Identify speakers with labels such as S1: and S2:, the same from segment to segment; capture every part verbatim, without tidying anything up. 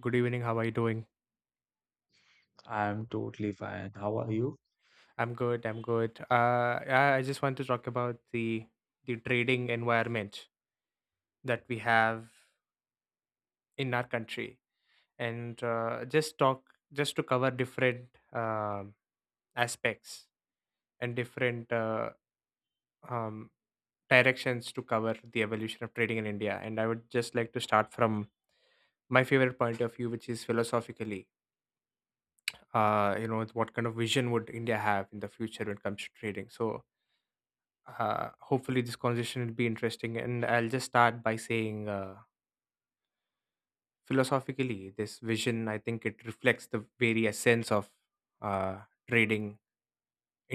S1: Good evening. How are you doing?
S2: I'm totally fine. How are you?
S1: I'm good. I'm good. Uh, I I just want to talk about the the trading environment that we have in our country, and uh, just talk just to cover different um aspects and different uh, um, directions to cover the evolution of trading in India. And I would just like to start from my favorite point of view, which is philosophically, uh, you know, what kind of vision would India have in the future when it comes to trading? So uh, hopefully this conversation will be interesting, and I'll just start by saying uh, philosophically this vision, I think it reflects the very essence of uh, trading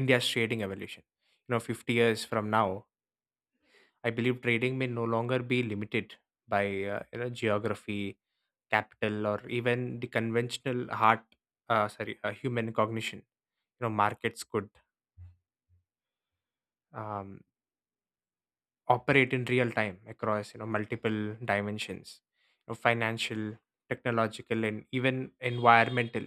S1: India's trading evolution. You know, fifty years from now, I believe trading may no longer be limited by uh, you know, geography, capital, or even the conventional heart uh, sorry uh, human cognition. You know, markets could um, operate in real time across, you know, multiple dimensions, you know, financial, technological, and even environmental.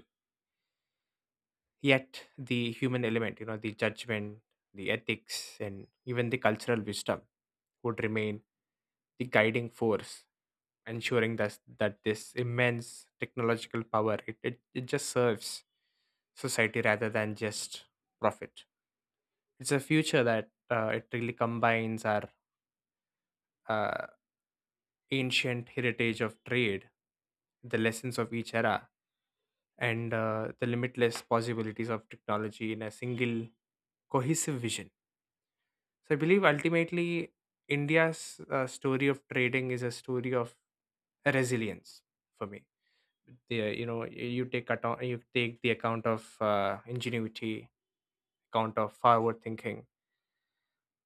S1: Yet the human element, you know, the judgment, the ethics, and even the cultural wisdom would remain the guiding force, ensuring that that this immense technological power, it, it, it just serves society rather than just profit. It's a future that uh, it really combines our uh, ancient heritage of trade, the lessons of each era, and uh, the limitless possibilities of technology in a single cohesive vision. So I believe ultimately India's uh, story of trading is a story of resilience for me. The, you know, you take account you take the account of uh, ingenuity, account of forward thinking.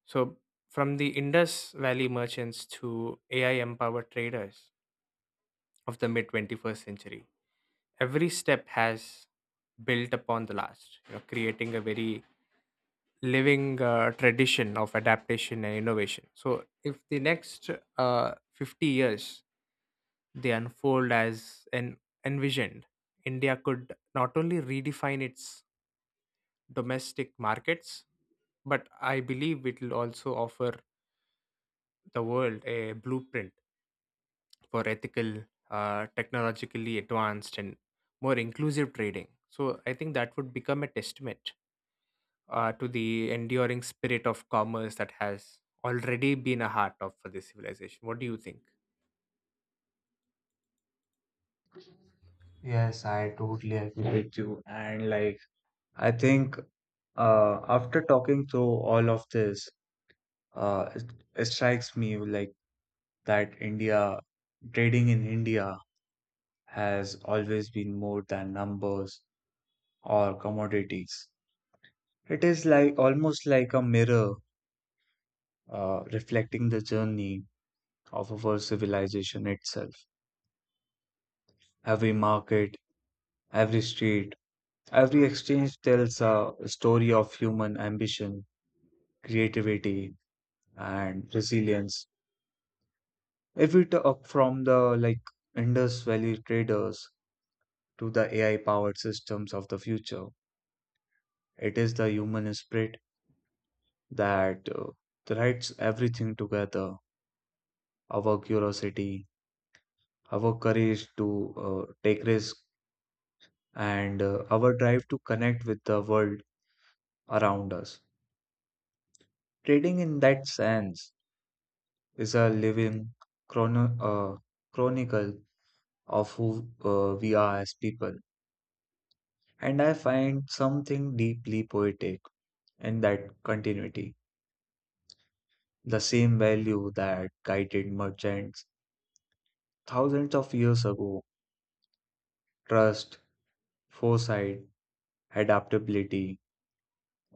S1: So from the Indus Valley merchants to A I empowered traders of the mid twenty-first century, every step has built upon the last. You know, creating a very living uh, tradition of adaptation and innovation. So if the next uh, fifty years they unfold as an envisioned, India could not only redefine its domestic markets, but I believe it will also offer the world a blueprint for ethical, uh, technologically advanced, and more inclusive trading. So I think that would become a testament uh, to the enduring spirit of commerce that has already been a heart of for this civilization. What do you think?
S2: Yes, I totally agree with you. And like, I think uh, after talking through all of this, uh, it, it strikes me like that India, trading in India has always been more than numbers or commodities. It is like almost like a mirror uh, reflecting the journey of our civilization itself. Every market, every street, every exchange tells a story of human ambition, creativity, and resilience. If we talk from the like Indus Valley traders to the A I-powered systems of the future, it is the human spirit that uh, threads everything together. Our curiosity, our courage to uh, take risk, and uh, our drive to connect with the world around us. Trading in that sense is a living chrono- uh, chronicle of who uh, we are as people. And I find something deeply poetic in that continuity. The same value that guided merchants thousands of years ago, trust, foresight, adaptability,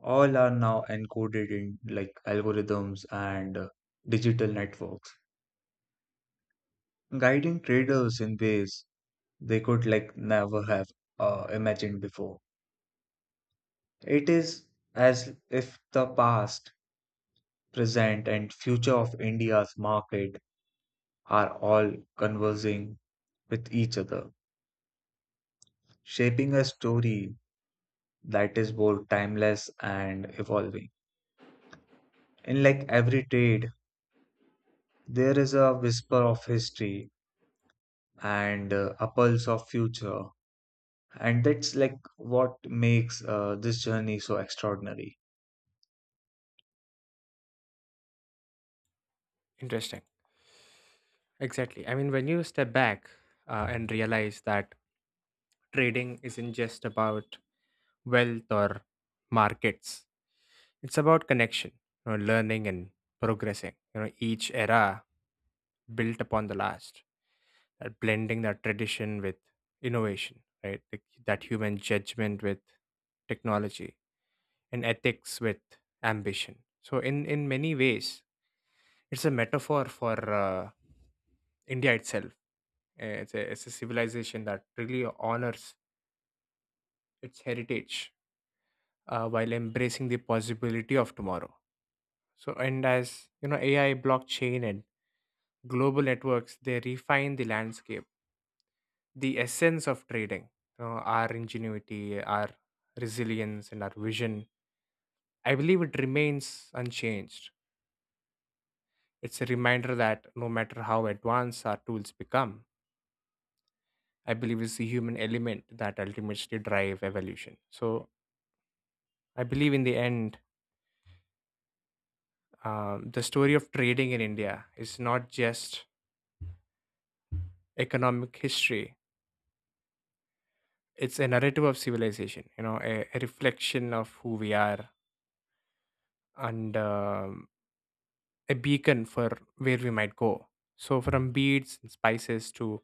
S2: all are now encoded in like algorithms and uh, digital networks, guiding traders in ways they could like never have uh, imagined before. It is as if the past, present, and future of India's market are all conversing with each other, shaping a story that is both timeless and evolving. In like every trade, there is a whisper of history and uh, a pulse of future, and that's like what makes uh, this journey so extraordinary.
S1: Interesting. Exactly. I mean, when you step back uh, and realize that trading isn't just about wealth or markets, it's about connection, you know, learning and progressing. You know, each era built upon the last, that blending that tradition with innovation, right? Like, that human judgment with technology and ethics with ambition. So, in, in many ways, it's a metaphor for uh, India itself. Uh, It's a, it's a civilization that really honors its heritage uh, while embracing the possibility of tomorrow. So, and as you know, A I, blockchain, and global networks, they refine the landscape, the essence of trading, you know, our ingenuity, our resilience, and our vision. I believe it remains unchanged. It's a reminder that no matter how advanced our tools become, I believe it's the human element that ultimately drive evolution. So I believe in the end, um, the story of trading in India is not just economic history. It's a narrative of civilization, you know, a, a reflection of who we are and um, a beacon for where we might go. So from beads and spices to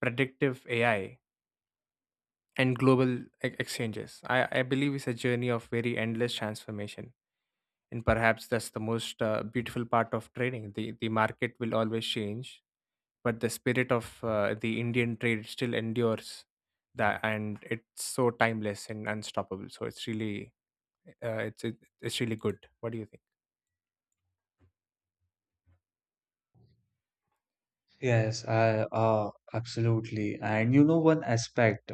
S1: predictive A I, and global e- exchanges. I, I believe it's a journey of very endless transformation. And perhaps that's the most uh, beautiful part of trading. The, the market will always change, but the spirit of uh, the Indian trade still endures. That, and it's so timeless and unstoppable. So it's really, uh, it's it, it's really good. What do you think?
S2: Yes, I, uh, absolutely. And you know, one aspect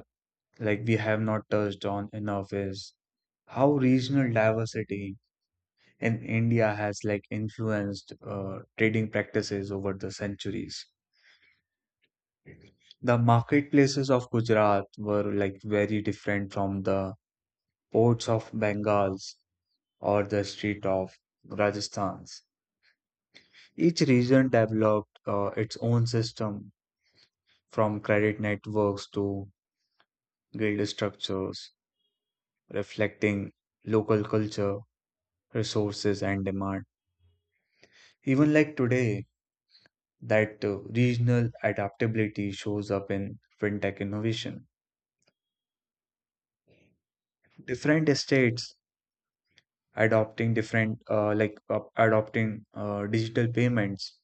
S2: like we have not touched on enough is how regional diversity in India has like influenced uh, trading practices over the centuries. The marketplaces of Gujarat were like very different from the ports of Bengals or the street of Rajasthan's. Each region developed uh, its own system, from credit networks to guild structures, reflecting local culture, resources, and demand. Even like today, that uh, regional adaptability shows up in fintech innovation. Different states adopting different, uh, like uh, adopting uh, digital payments,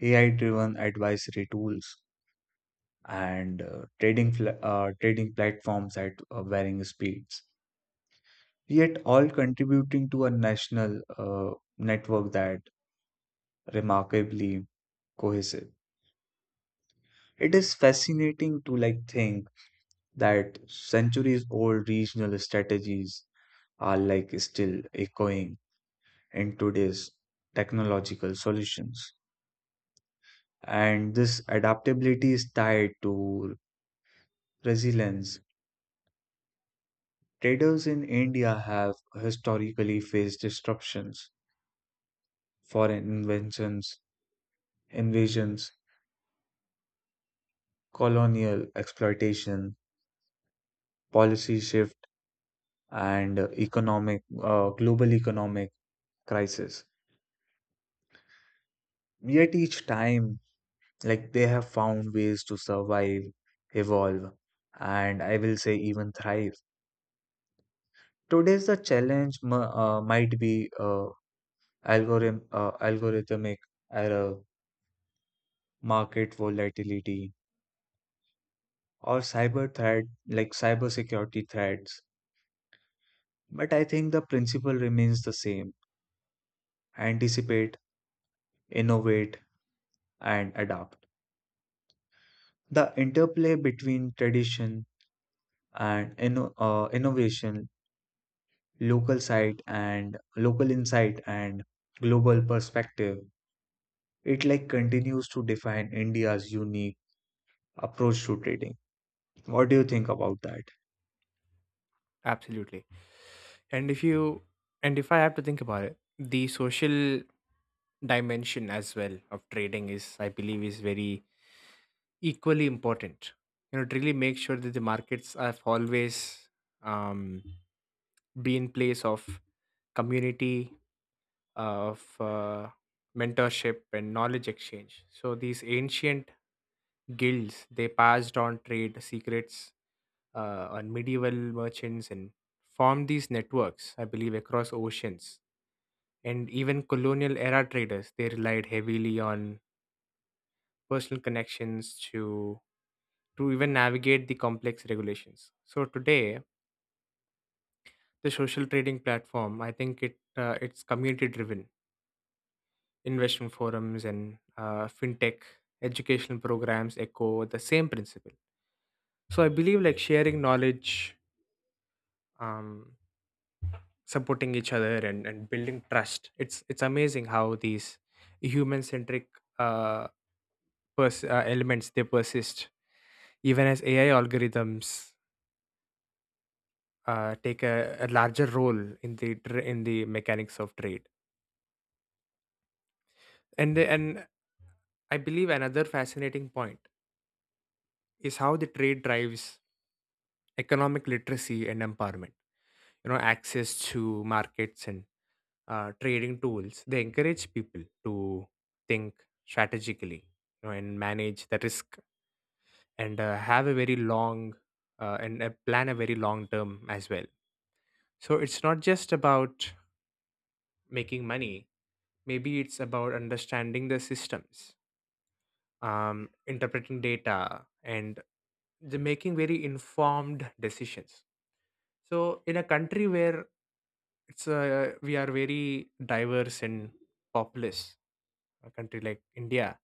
S2: A I-driven advisory tools, and uh, trading fl uh, trading platforms at uh, varying speeds. Yet all contributing to a national uh, network that remarkably cohesive. It is fascinating to like think that centuries old regional strategies are like still echoing in today's technological solutions. And this adaptability is tied to resilience. Traders in India have historically faced disruptions, foreign inventions, invasions, colonial exploitation, policy shift, and economic, uh, global economic crisis. Yet each time, Like they have found ways to survive, evolve, and I will say even thrive. Today's the challenge m- uh, might be uh, algorithm uh, algorithmic error, market volatility, or cyber threat, like cybersecurity threats. But I think the principle remains the same: anticipate, innovate, and adapt. The interplay between tradition and inno- uh, innovation, local site and local insight and global perspective, it like continues to define india's unique approach to trading. What do you think about that?
S1: Absolutely. And if you, and if I have to think about it, the social dimension as well of trading is, I believe, is very equally important. You know, to really make sure that the markets have always um, been place of community, uh, of uh, mentorship and knowledge exchange. So these ancient guilds, they passed on trade secrets uh, on medieval merchants, and formed these networks, I believe, across oceans. And even colonial era traders, they relied heavily on personal connections to to even navigate the complex regulations. So today, the social trading platform, I think it uh, it's community driven. Investment forums and uh, fintech educational programs echo the same principle. So I believe like sharing knowledge, um, supporting each other, and and building trust. It's it's amazing how these human centric uh, pers- uh, elements they persist even as A I algorithms uh, take a, a larger role in the tr- in the mechanics of trade. And the, and I believe another fascinating point is how the trade drives economic literacy and empowerment. You know, access to markets and uh, trading tools. They encourage people to think strategically, you know, and manage the risk, and uh, have a very long uh, and uh, plan a very long term as well. So it's not just about making money. Maybe it's about understanding the systems, um, interpreting data, and the making very informed decisions. So in a country where it's uh, we are very diverse and populous, a country like India,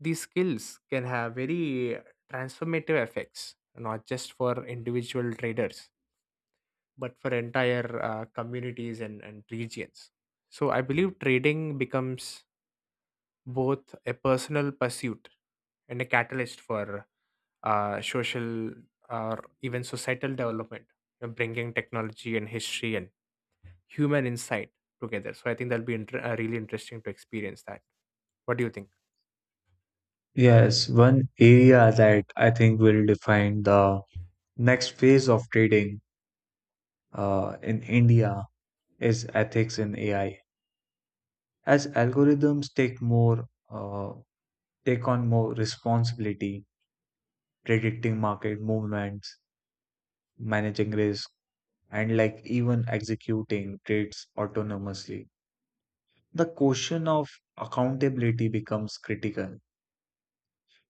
S1: these skills can have very transformative effects, not just for individual traders, but for entire uh, communities and, and regions. So I believe trading becomes both a personal pursuit and a catalyst for uh, social or even societal development, you know, bringing technology and history and human insight together. So I think that'll be inter- uh, really interesting to experience that. What do you think?
S2: Yes, one area that I think will define the next phase of trading uh, in india is ethics in ai. As algorithms take more, uh, take on more responsibility, predicting market movements, managing risk, and like even executing trades autonomously. The question of accountability becomes critical.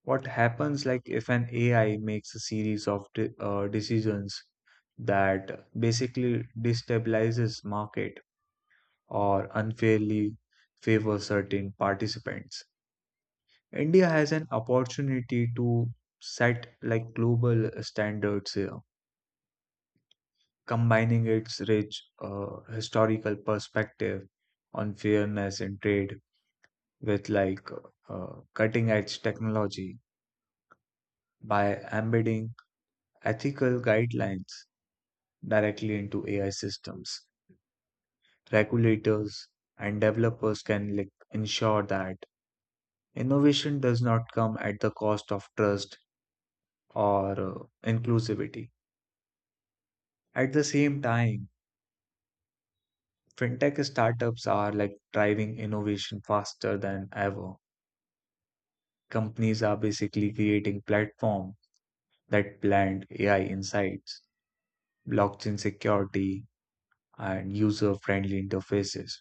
S2: What happens like if an A I makes a series of de- uh, decisions that basically destabilizes market or unfairly favor certain participants? India has an opportunity to set like global standards here, combining its rich uh, historical perspective on fairness in trade with like uh, cutting edge technology by embedding ethical guidelines directly into A I systems. Regulators and developers can like ensure that innovation does not come at the cost of trust or uh, inclusivity. At the same time, fintech startups are like driving innovation faster than ever. Companies are basically creating platforms that blend A I insights, blockchain security, and user-friendly interfaces,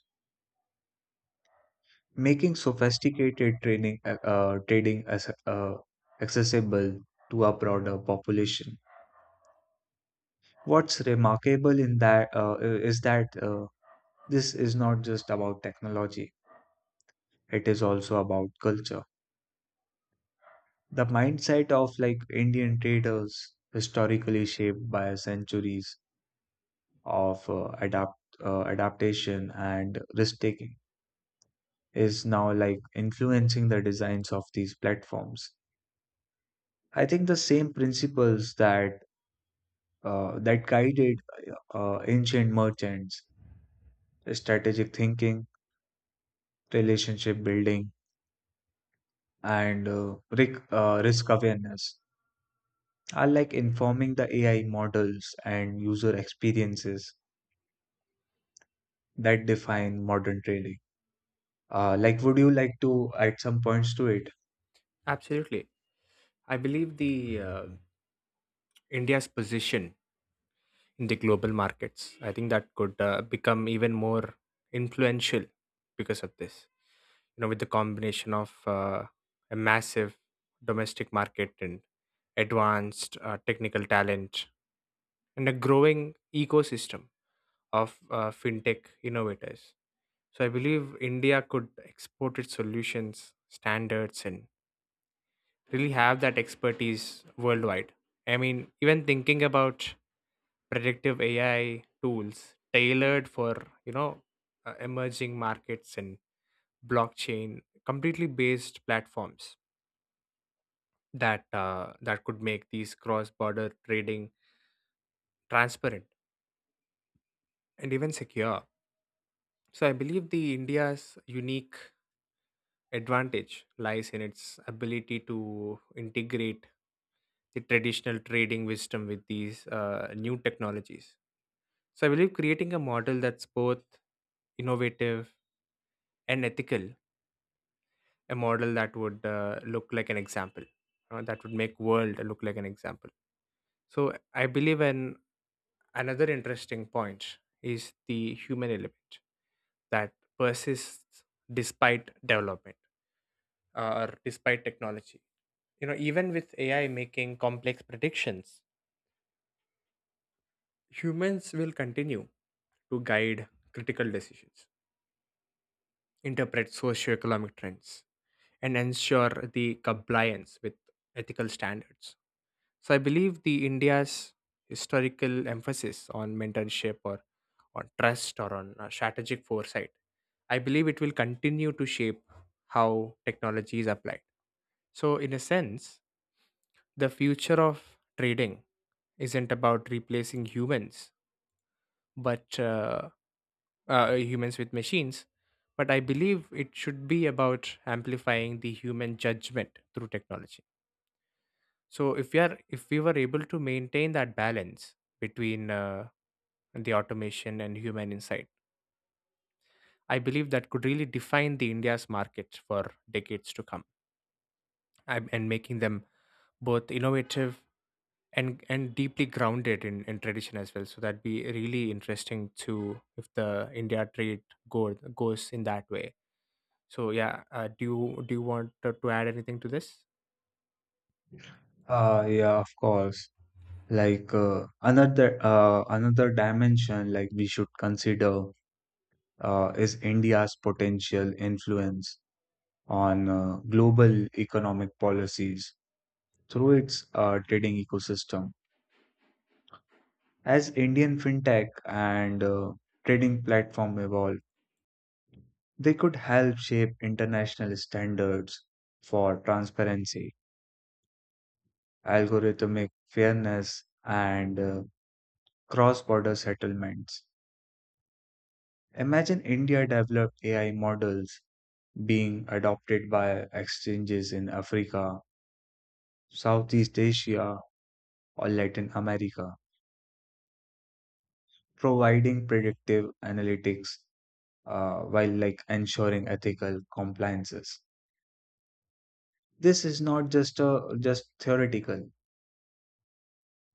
S2: making sophisticated training uh, uh, trading as, uh, accessible to a broader population. What's remarkable in that uh, is that uh, this is not just about technology; it is also about culture. The mindset of like Indian traders, historically shaped by centuries of uh, adapt uh, adaptation and risk taking is now like influencing the designs of these platforms. I think the same principles that uh, that guided uh, ancient merchants, strategic thinking, relationship building, and uh, risk, uh, risk awareness are like informing the A I models and user experiences that define modern trading. Uh, like, would you like to add some points to it?
S1: Absolutely. I believe the uh, India's position in the global markets. I think that could uh, become even more influential because of this. You know, with the combination of uh, a massive domestic market and advanced uh, technical talent and a growing ecosystem of uh, fintech innovators. So I believe India could export its solutions, standards, and really have that expertise worldwide. I mean, even thinking about predictive A I tools tailored for, you know, uh, emerging markets and blockchain completely based platforms that uh, that could make these cross border trading transparent and even secure. So I believe the India's unique advantage lies in its ability to integrate the traditional trading wisdom with these uh, new technologies. So I believe creating a model that's both innovative and ethical, a model that would uh, look like an example uh, that would make world look like an example. So I believe an another interesting point is the human element that persists despite development, uh, or despite technology. You know, even with AI making complex predictions, humans will continue to guide critical decisions, interpret socioeconomic trends, and ensure the compliance with ethical standards. So I believe the India's historical emphasis on mentorship, or on trust, or on uh, strategic foresight, I believe it will continue to shape how technology is applied. So in a sense, the future of trading isn't about replacing humans, but uh, uh, humans with machines. But I believe it should be about amplifying the human judgment through technology. So if we are, if we were able to maintain that balance between uh, the automation and human insight, I believe that could really define the India's market for decades to come, and and making them both innovative and and deeply grounded in, in tradition as well. So that'd be really interesting to if the India trade go, goes in that way. So yeah, uh, do you do you want to to add anything to this?
S2: Uh, yeah, of course. like uh, another uh, another dimension like we should consider uh, is India's potential influence on uh, global economic policies through its uh, trading ecosystem. As Indian fintech and uh, trading platform evolve, they could help shape international standards for transparency, algorithmic fairness, and uh, cross-border settlements. Imagine India developed A I models being adopted by exchanges in Africa, Southeast Asia, or Latin America, providing predictive analytics uh, while like ensuring ethical compliances. This is not just a just theoretical.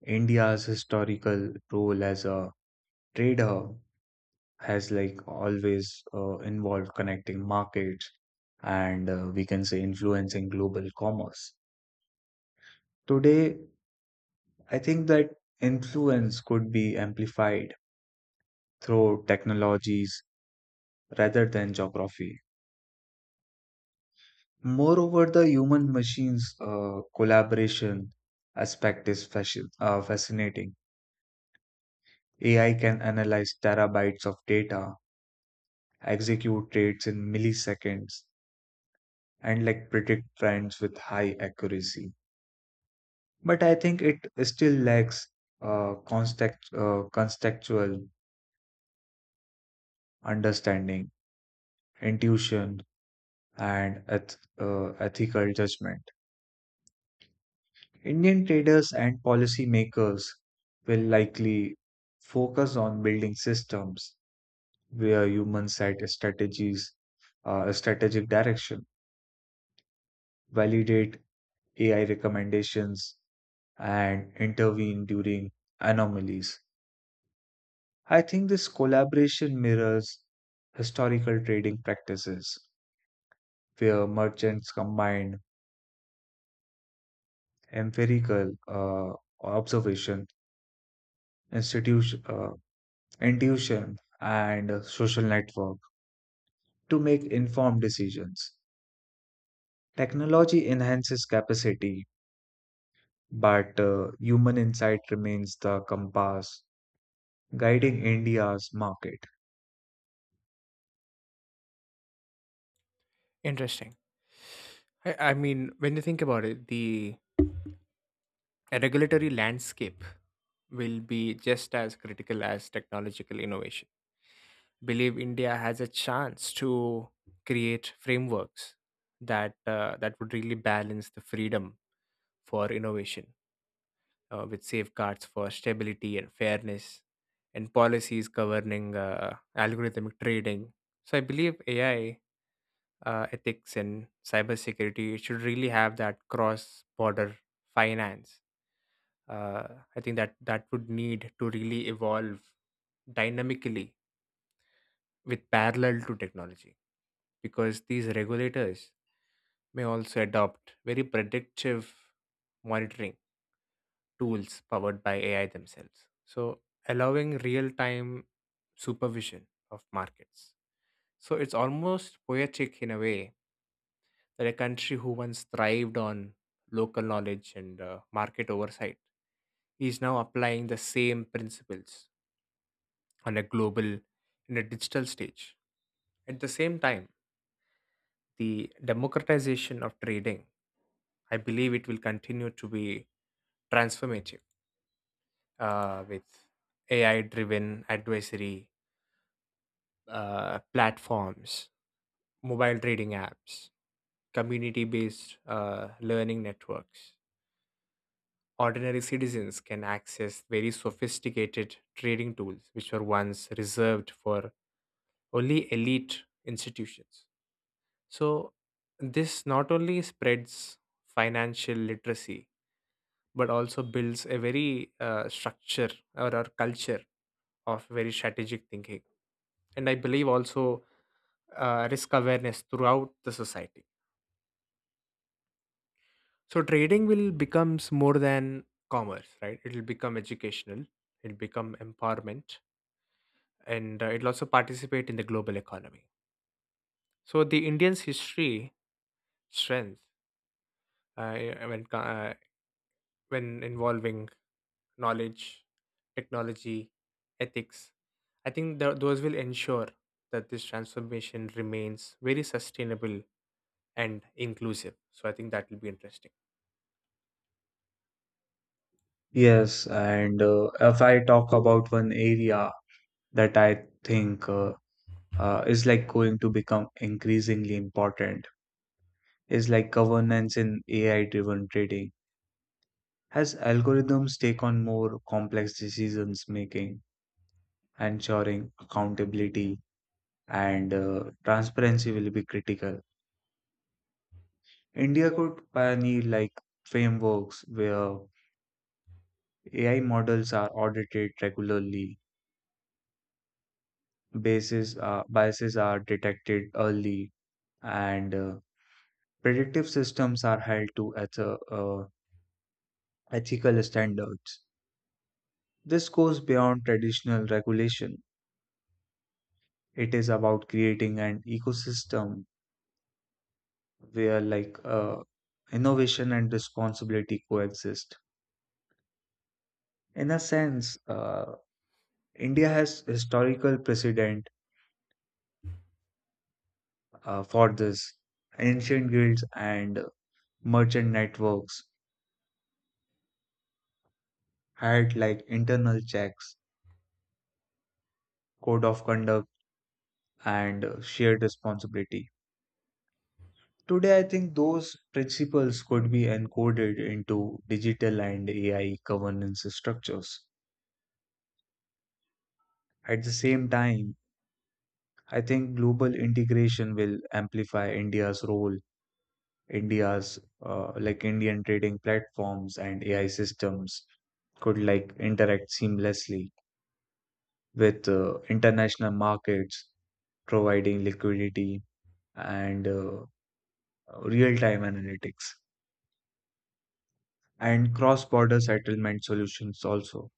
S2: India's historical role as a trade hub has like always uh, involved connecting markets and uh, we can say influencing global commerce. Today, I think that influence could be amplified through technologies rather than geography. Moreover, the human machines uh, collaboration aspect is fashion, uh, fascinating. A I can analyze terabytes of data, execute trades in milliseconds, and like predict trends with high accuracy. But I think it still lacks uh, context, uh, contextual understanding, intuition, and eth- uh, ethical judgment. Indian traders and policymakers will likely focus on building systems where humans set strategies, uh, strategic direction, validate A I recommendations, and intervene during anomalies. I think this collaboration mirrors historical trading practices where merchants combine empirical uh, observation, institution, uh, intuition, and social network to make informed decisions. Technology enhances capacity, but uh, human insight remains the compass guiding India's market.
S1: Interesting. I, I mean, when you think about it, the A regulatory landscape will be just as critical as technological innovation. Believe India has a chance to create frameworks that uh, that would really balance the freedom for innovation uh, with safeguards for stability and fairness, and policies governing uh, algorithmic trading. So I believe A I uh, ethics and cybersecurity should really have that cross-border finance, uh, I think that that would need to really evolve dynamically with parallel to technology, because these regulators may also adopt very predictive monitoring tools powered by A I themselves. So, allowing real time supervision of markets. So, it's almost poetic in a way that a country who once thrived on local knowledge and uh, market oversight is now applying the same principles on a global, in a digital stage. At the same time, the democratization of trading, I believe it will continue to be transformative uh, with A I driven advisory uh, platforms, mobile trading apps, community based uh, learning networks. Ordinary citizens can access very sophisticated trading tools which were once reserved for only elite institutions. So, this not only spreads financial literacy, but also builds a very uh, structure or a culture of very strategic thinking. And I believe also uh, risk awareness throughout the society. So, trading will becomes more than commerce, right? It will become educational, it'll become empowerment, and uh, it'll also participate in the global economy. So, the Indian's history strength, uh, when, co- uh, when involving knowledge, technology, ethics. I think tho- those will ensure that this transformation remains very sustainable and inclusive. So I think that will be interesting.
S2: Yes, and uh, if I talk about one area that I think uh, uh, is like going to become increasingly important is like governance in A I driven trading. As algorithms take on more complex decisions making, ensuring accountability and uh, transparency will be critical. India could pioneer like frameworks where A I models are audited regularly, bases are, biases are detected early, and uh, predictive systems are held to eth- uh, ethical standards. This goes beyond traditional regulation. It is about creating an ecosystem where like uh, innovation and responsibility coexist. In a sense, uh, India has historical precedent uh, for this. Ancient guilds and merchant networks had like internal checks, code of conduct, and uh, shared responsibility. Today, I think those principles could be encoded into digital and A I governance structures. At the same time, I think global integration will amplify India's role, India's uh, like Indian trading platforms and A I systems could like interact seamlessly with uh, international markets, providing liquidity and uh, real-time analytics and cross-border settlement solutions also.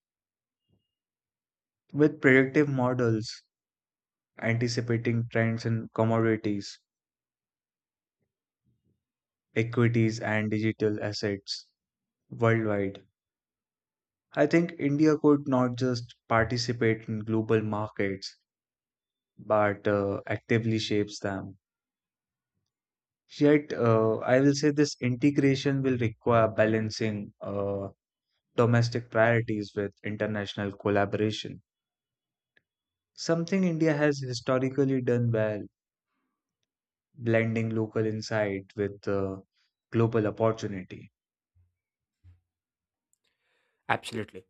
S2: With predictive models anticipating trends in commodities, equities, and digital assets worldwide, I think India could not just participate in global markets but uh, actively shapes them. Yet, uh, I will say this integration will require balancing uh, domestic priorities with international collaboration. Something India has historically done well, blending local insight with the global opportunity.
S1: Absolutely.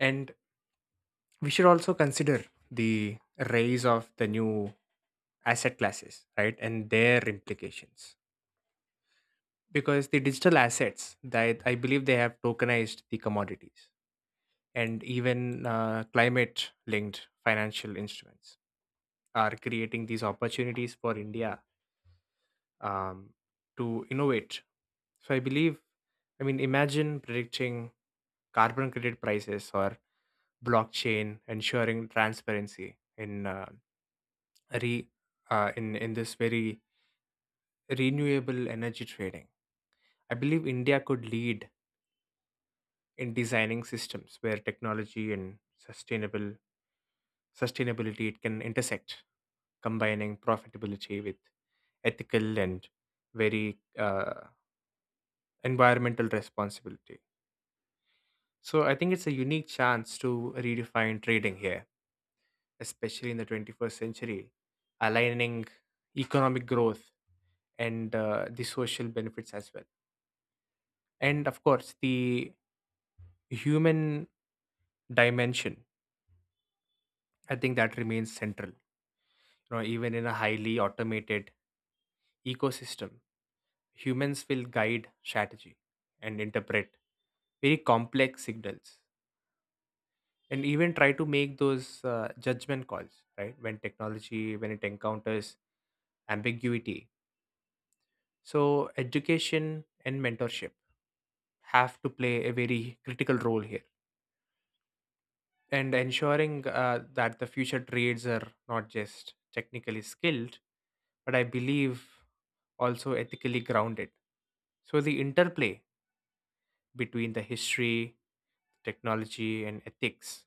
S1: And we should also consider the rise of the new asset classes, right? And their implications. Because the digital assets, that I believe they have tokenized the commodities, and even uh, climate linked financial instruments are creating these opportunities for India um, to innovate. So I believe, I mean, imagine predicting carbon credit prices, or blockchain, ensuring transparency in uh, re uh, in in this very renewable energy trading. I believe India could lead in designing systems where technology and sustainable sustainability it can intersect, combining profitability with ethical and very uh, environmental responsibility. So I think it's a unique chance to redefine trading here, especially in the twenty-first century, aligning economic growth and uh, the social benefits as well. And of course, the human dimension, I think that remains central. You know, even in a highly automated ecosystem, humans will guide strategy and interpret very complex signals, and even try to make those uh, judgment calls, right, when technology when it encounters ambiguity. So education and mentorship have to play a very critical role here, and ensuring uh, that the future trades are not just technically skilled, but I believe also ethically grounded. So the interplay between the history, technology, and ethics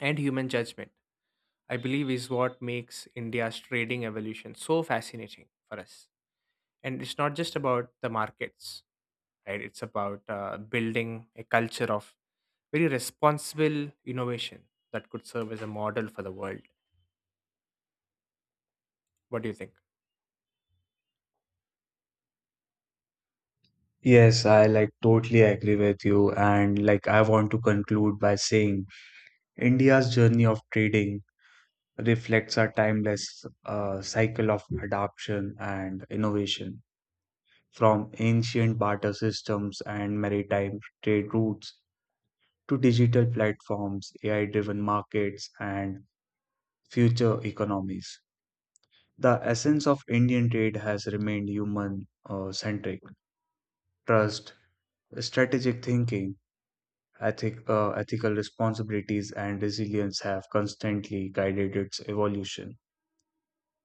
S1: and human judgment, I believe is what makes India's trading evolution so fascinating for us. And it's not just about the markets, right? It's about uh, building a culture of very responsible innovation that could serve as a model for the world. What do you think?
S2: Yes, I like totally agree with you. And like, I want to conclude by saying India's journey of trading reflects our timeless uh, cycle of adoption and innovation, from ancient barter systems and maritime trade routes to digital platforms, A I driven markets, and future economies. The essence of Indian trade has remained human uh, centric. Trust, strategic thinking, ethic, uh, ethical responsibilities, and resilience have constantly guided its evolution.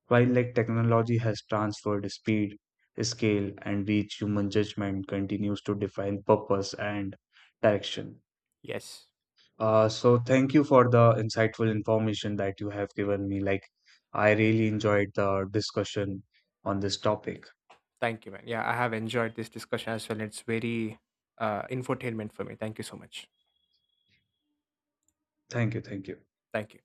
S2: While like technology has transferred speed, scale, and reach, human judgment continues to define purpose and direction.
S1: Yes.
S2: Uh, so thank you for the insightful information that you have given me. Like, I really enjoyed the discussion on this topic.
S1: Thank you, man. Yeah, I have enjoyed this discussion as well. It's very uh, infotainment for me. Thank you so much.
S2: Thank you, thank you.
S1: Thank you.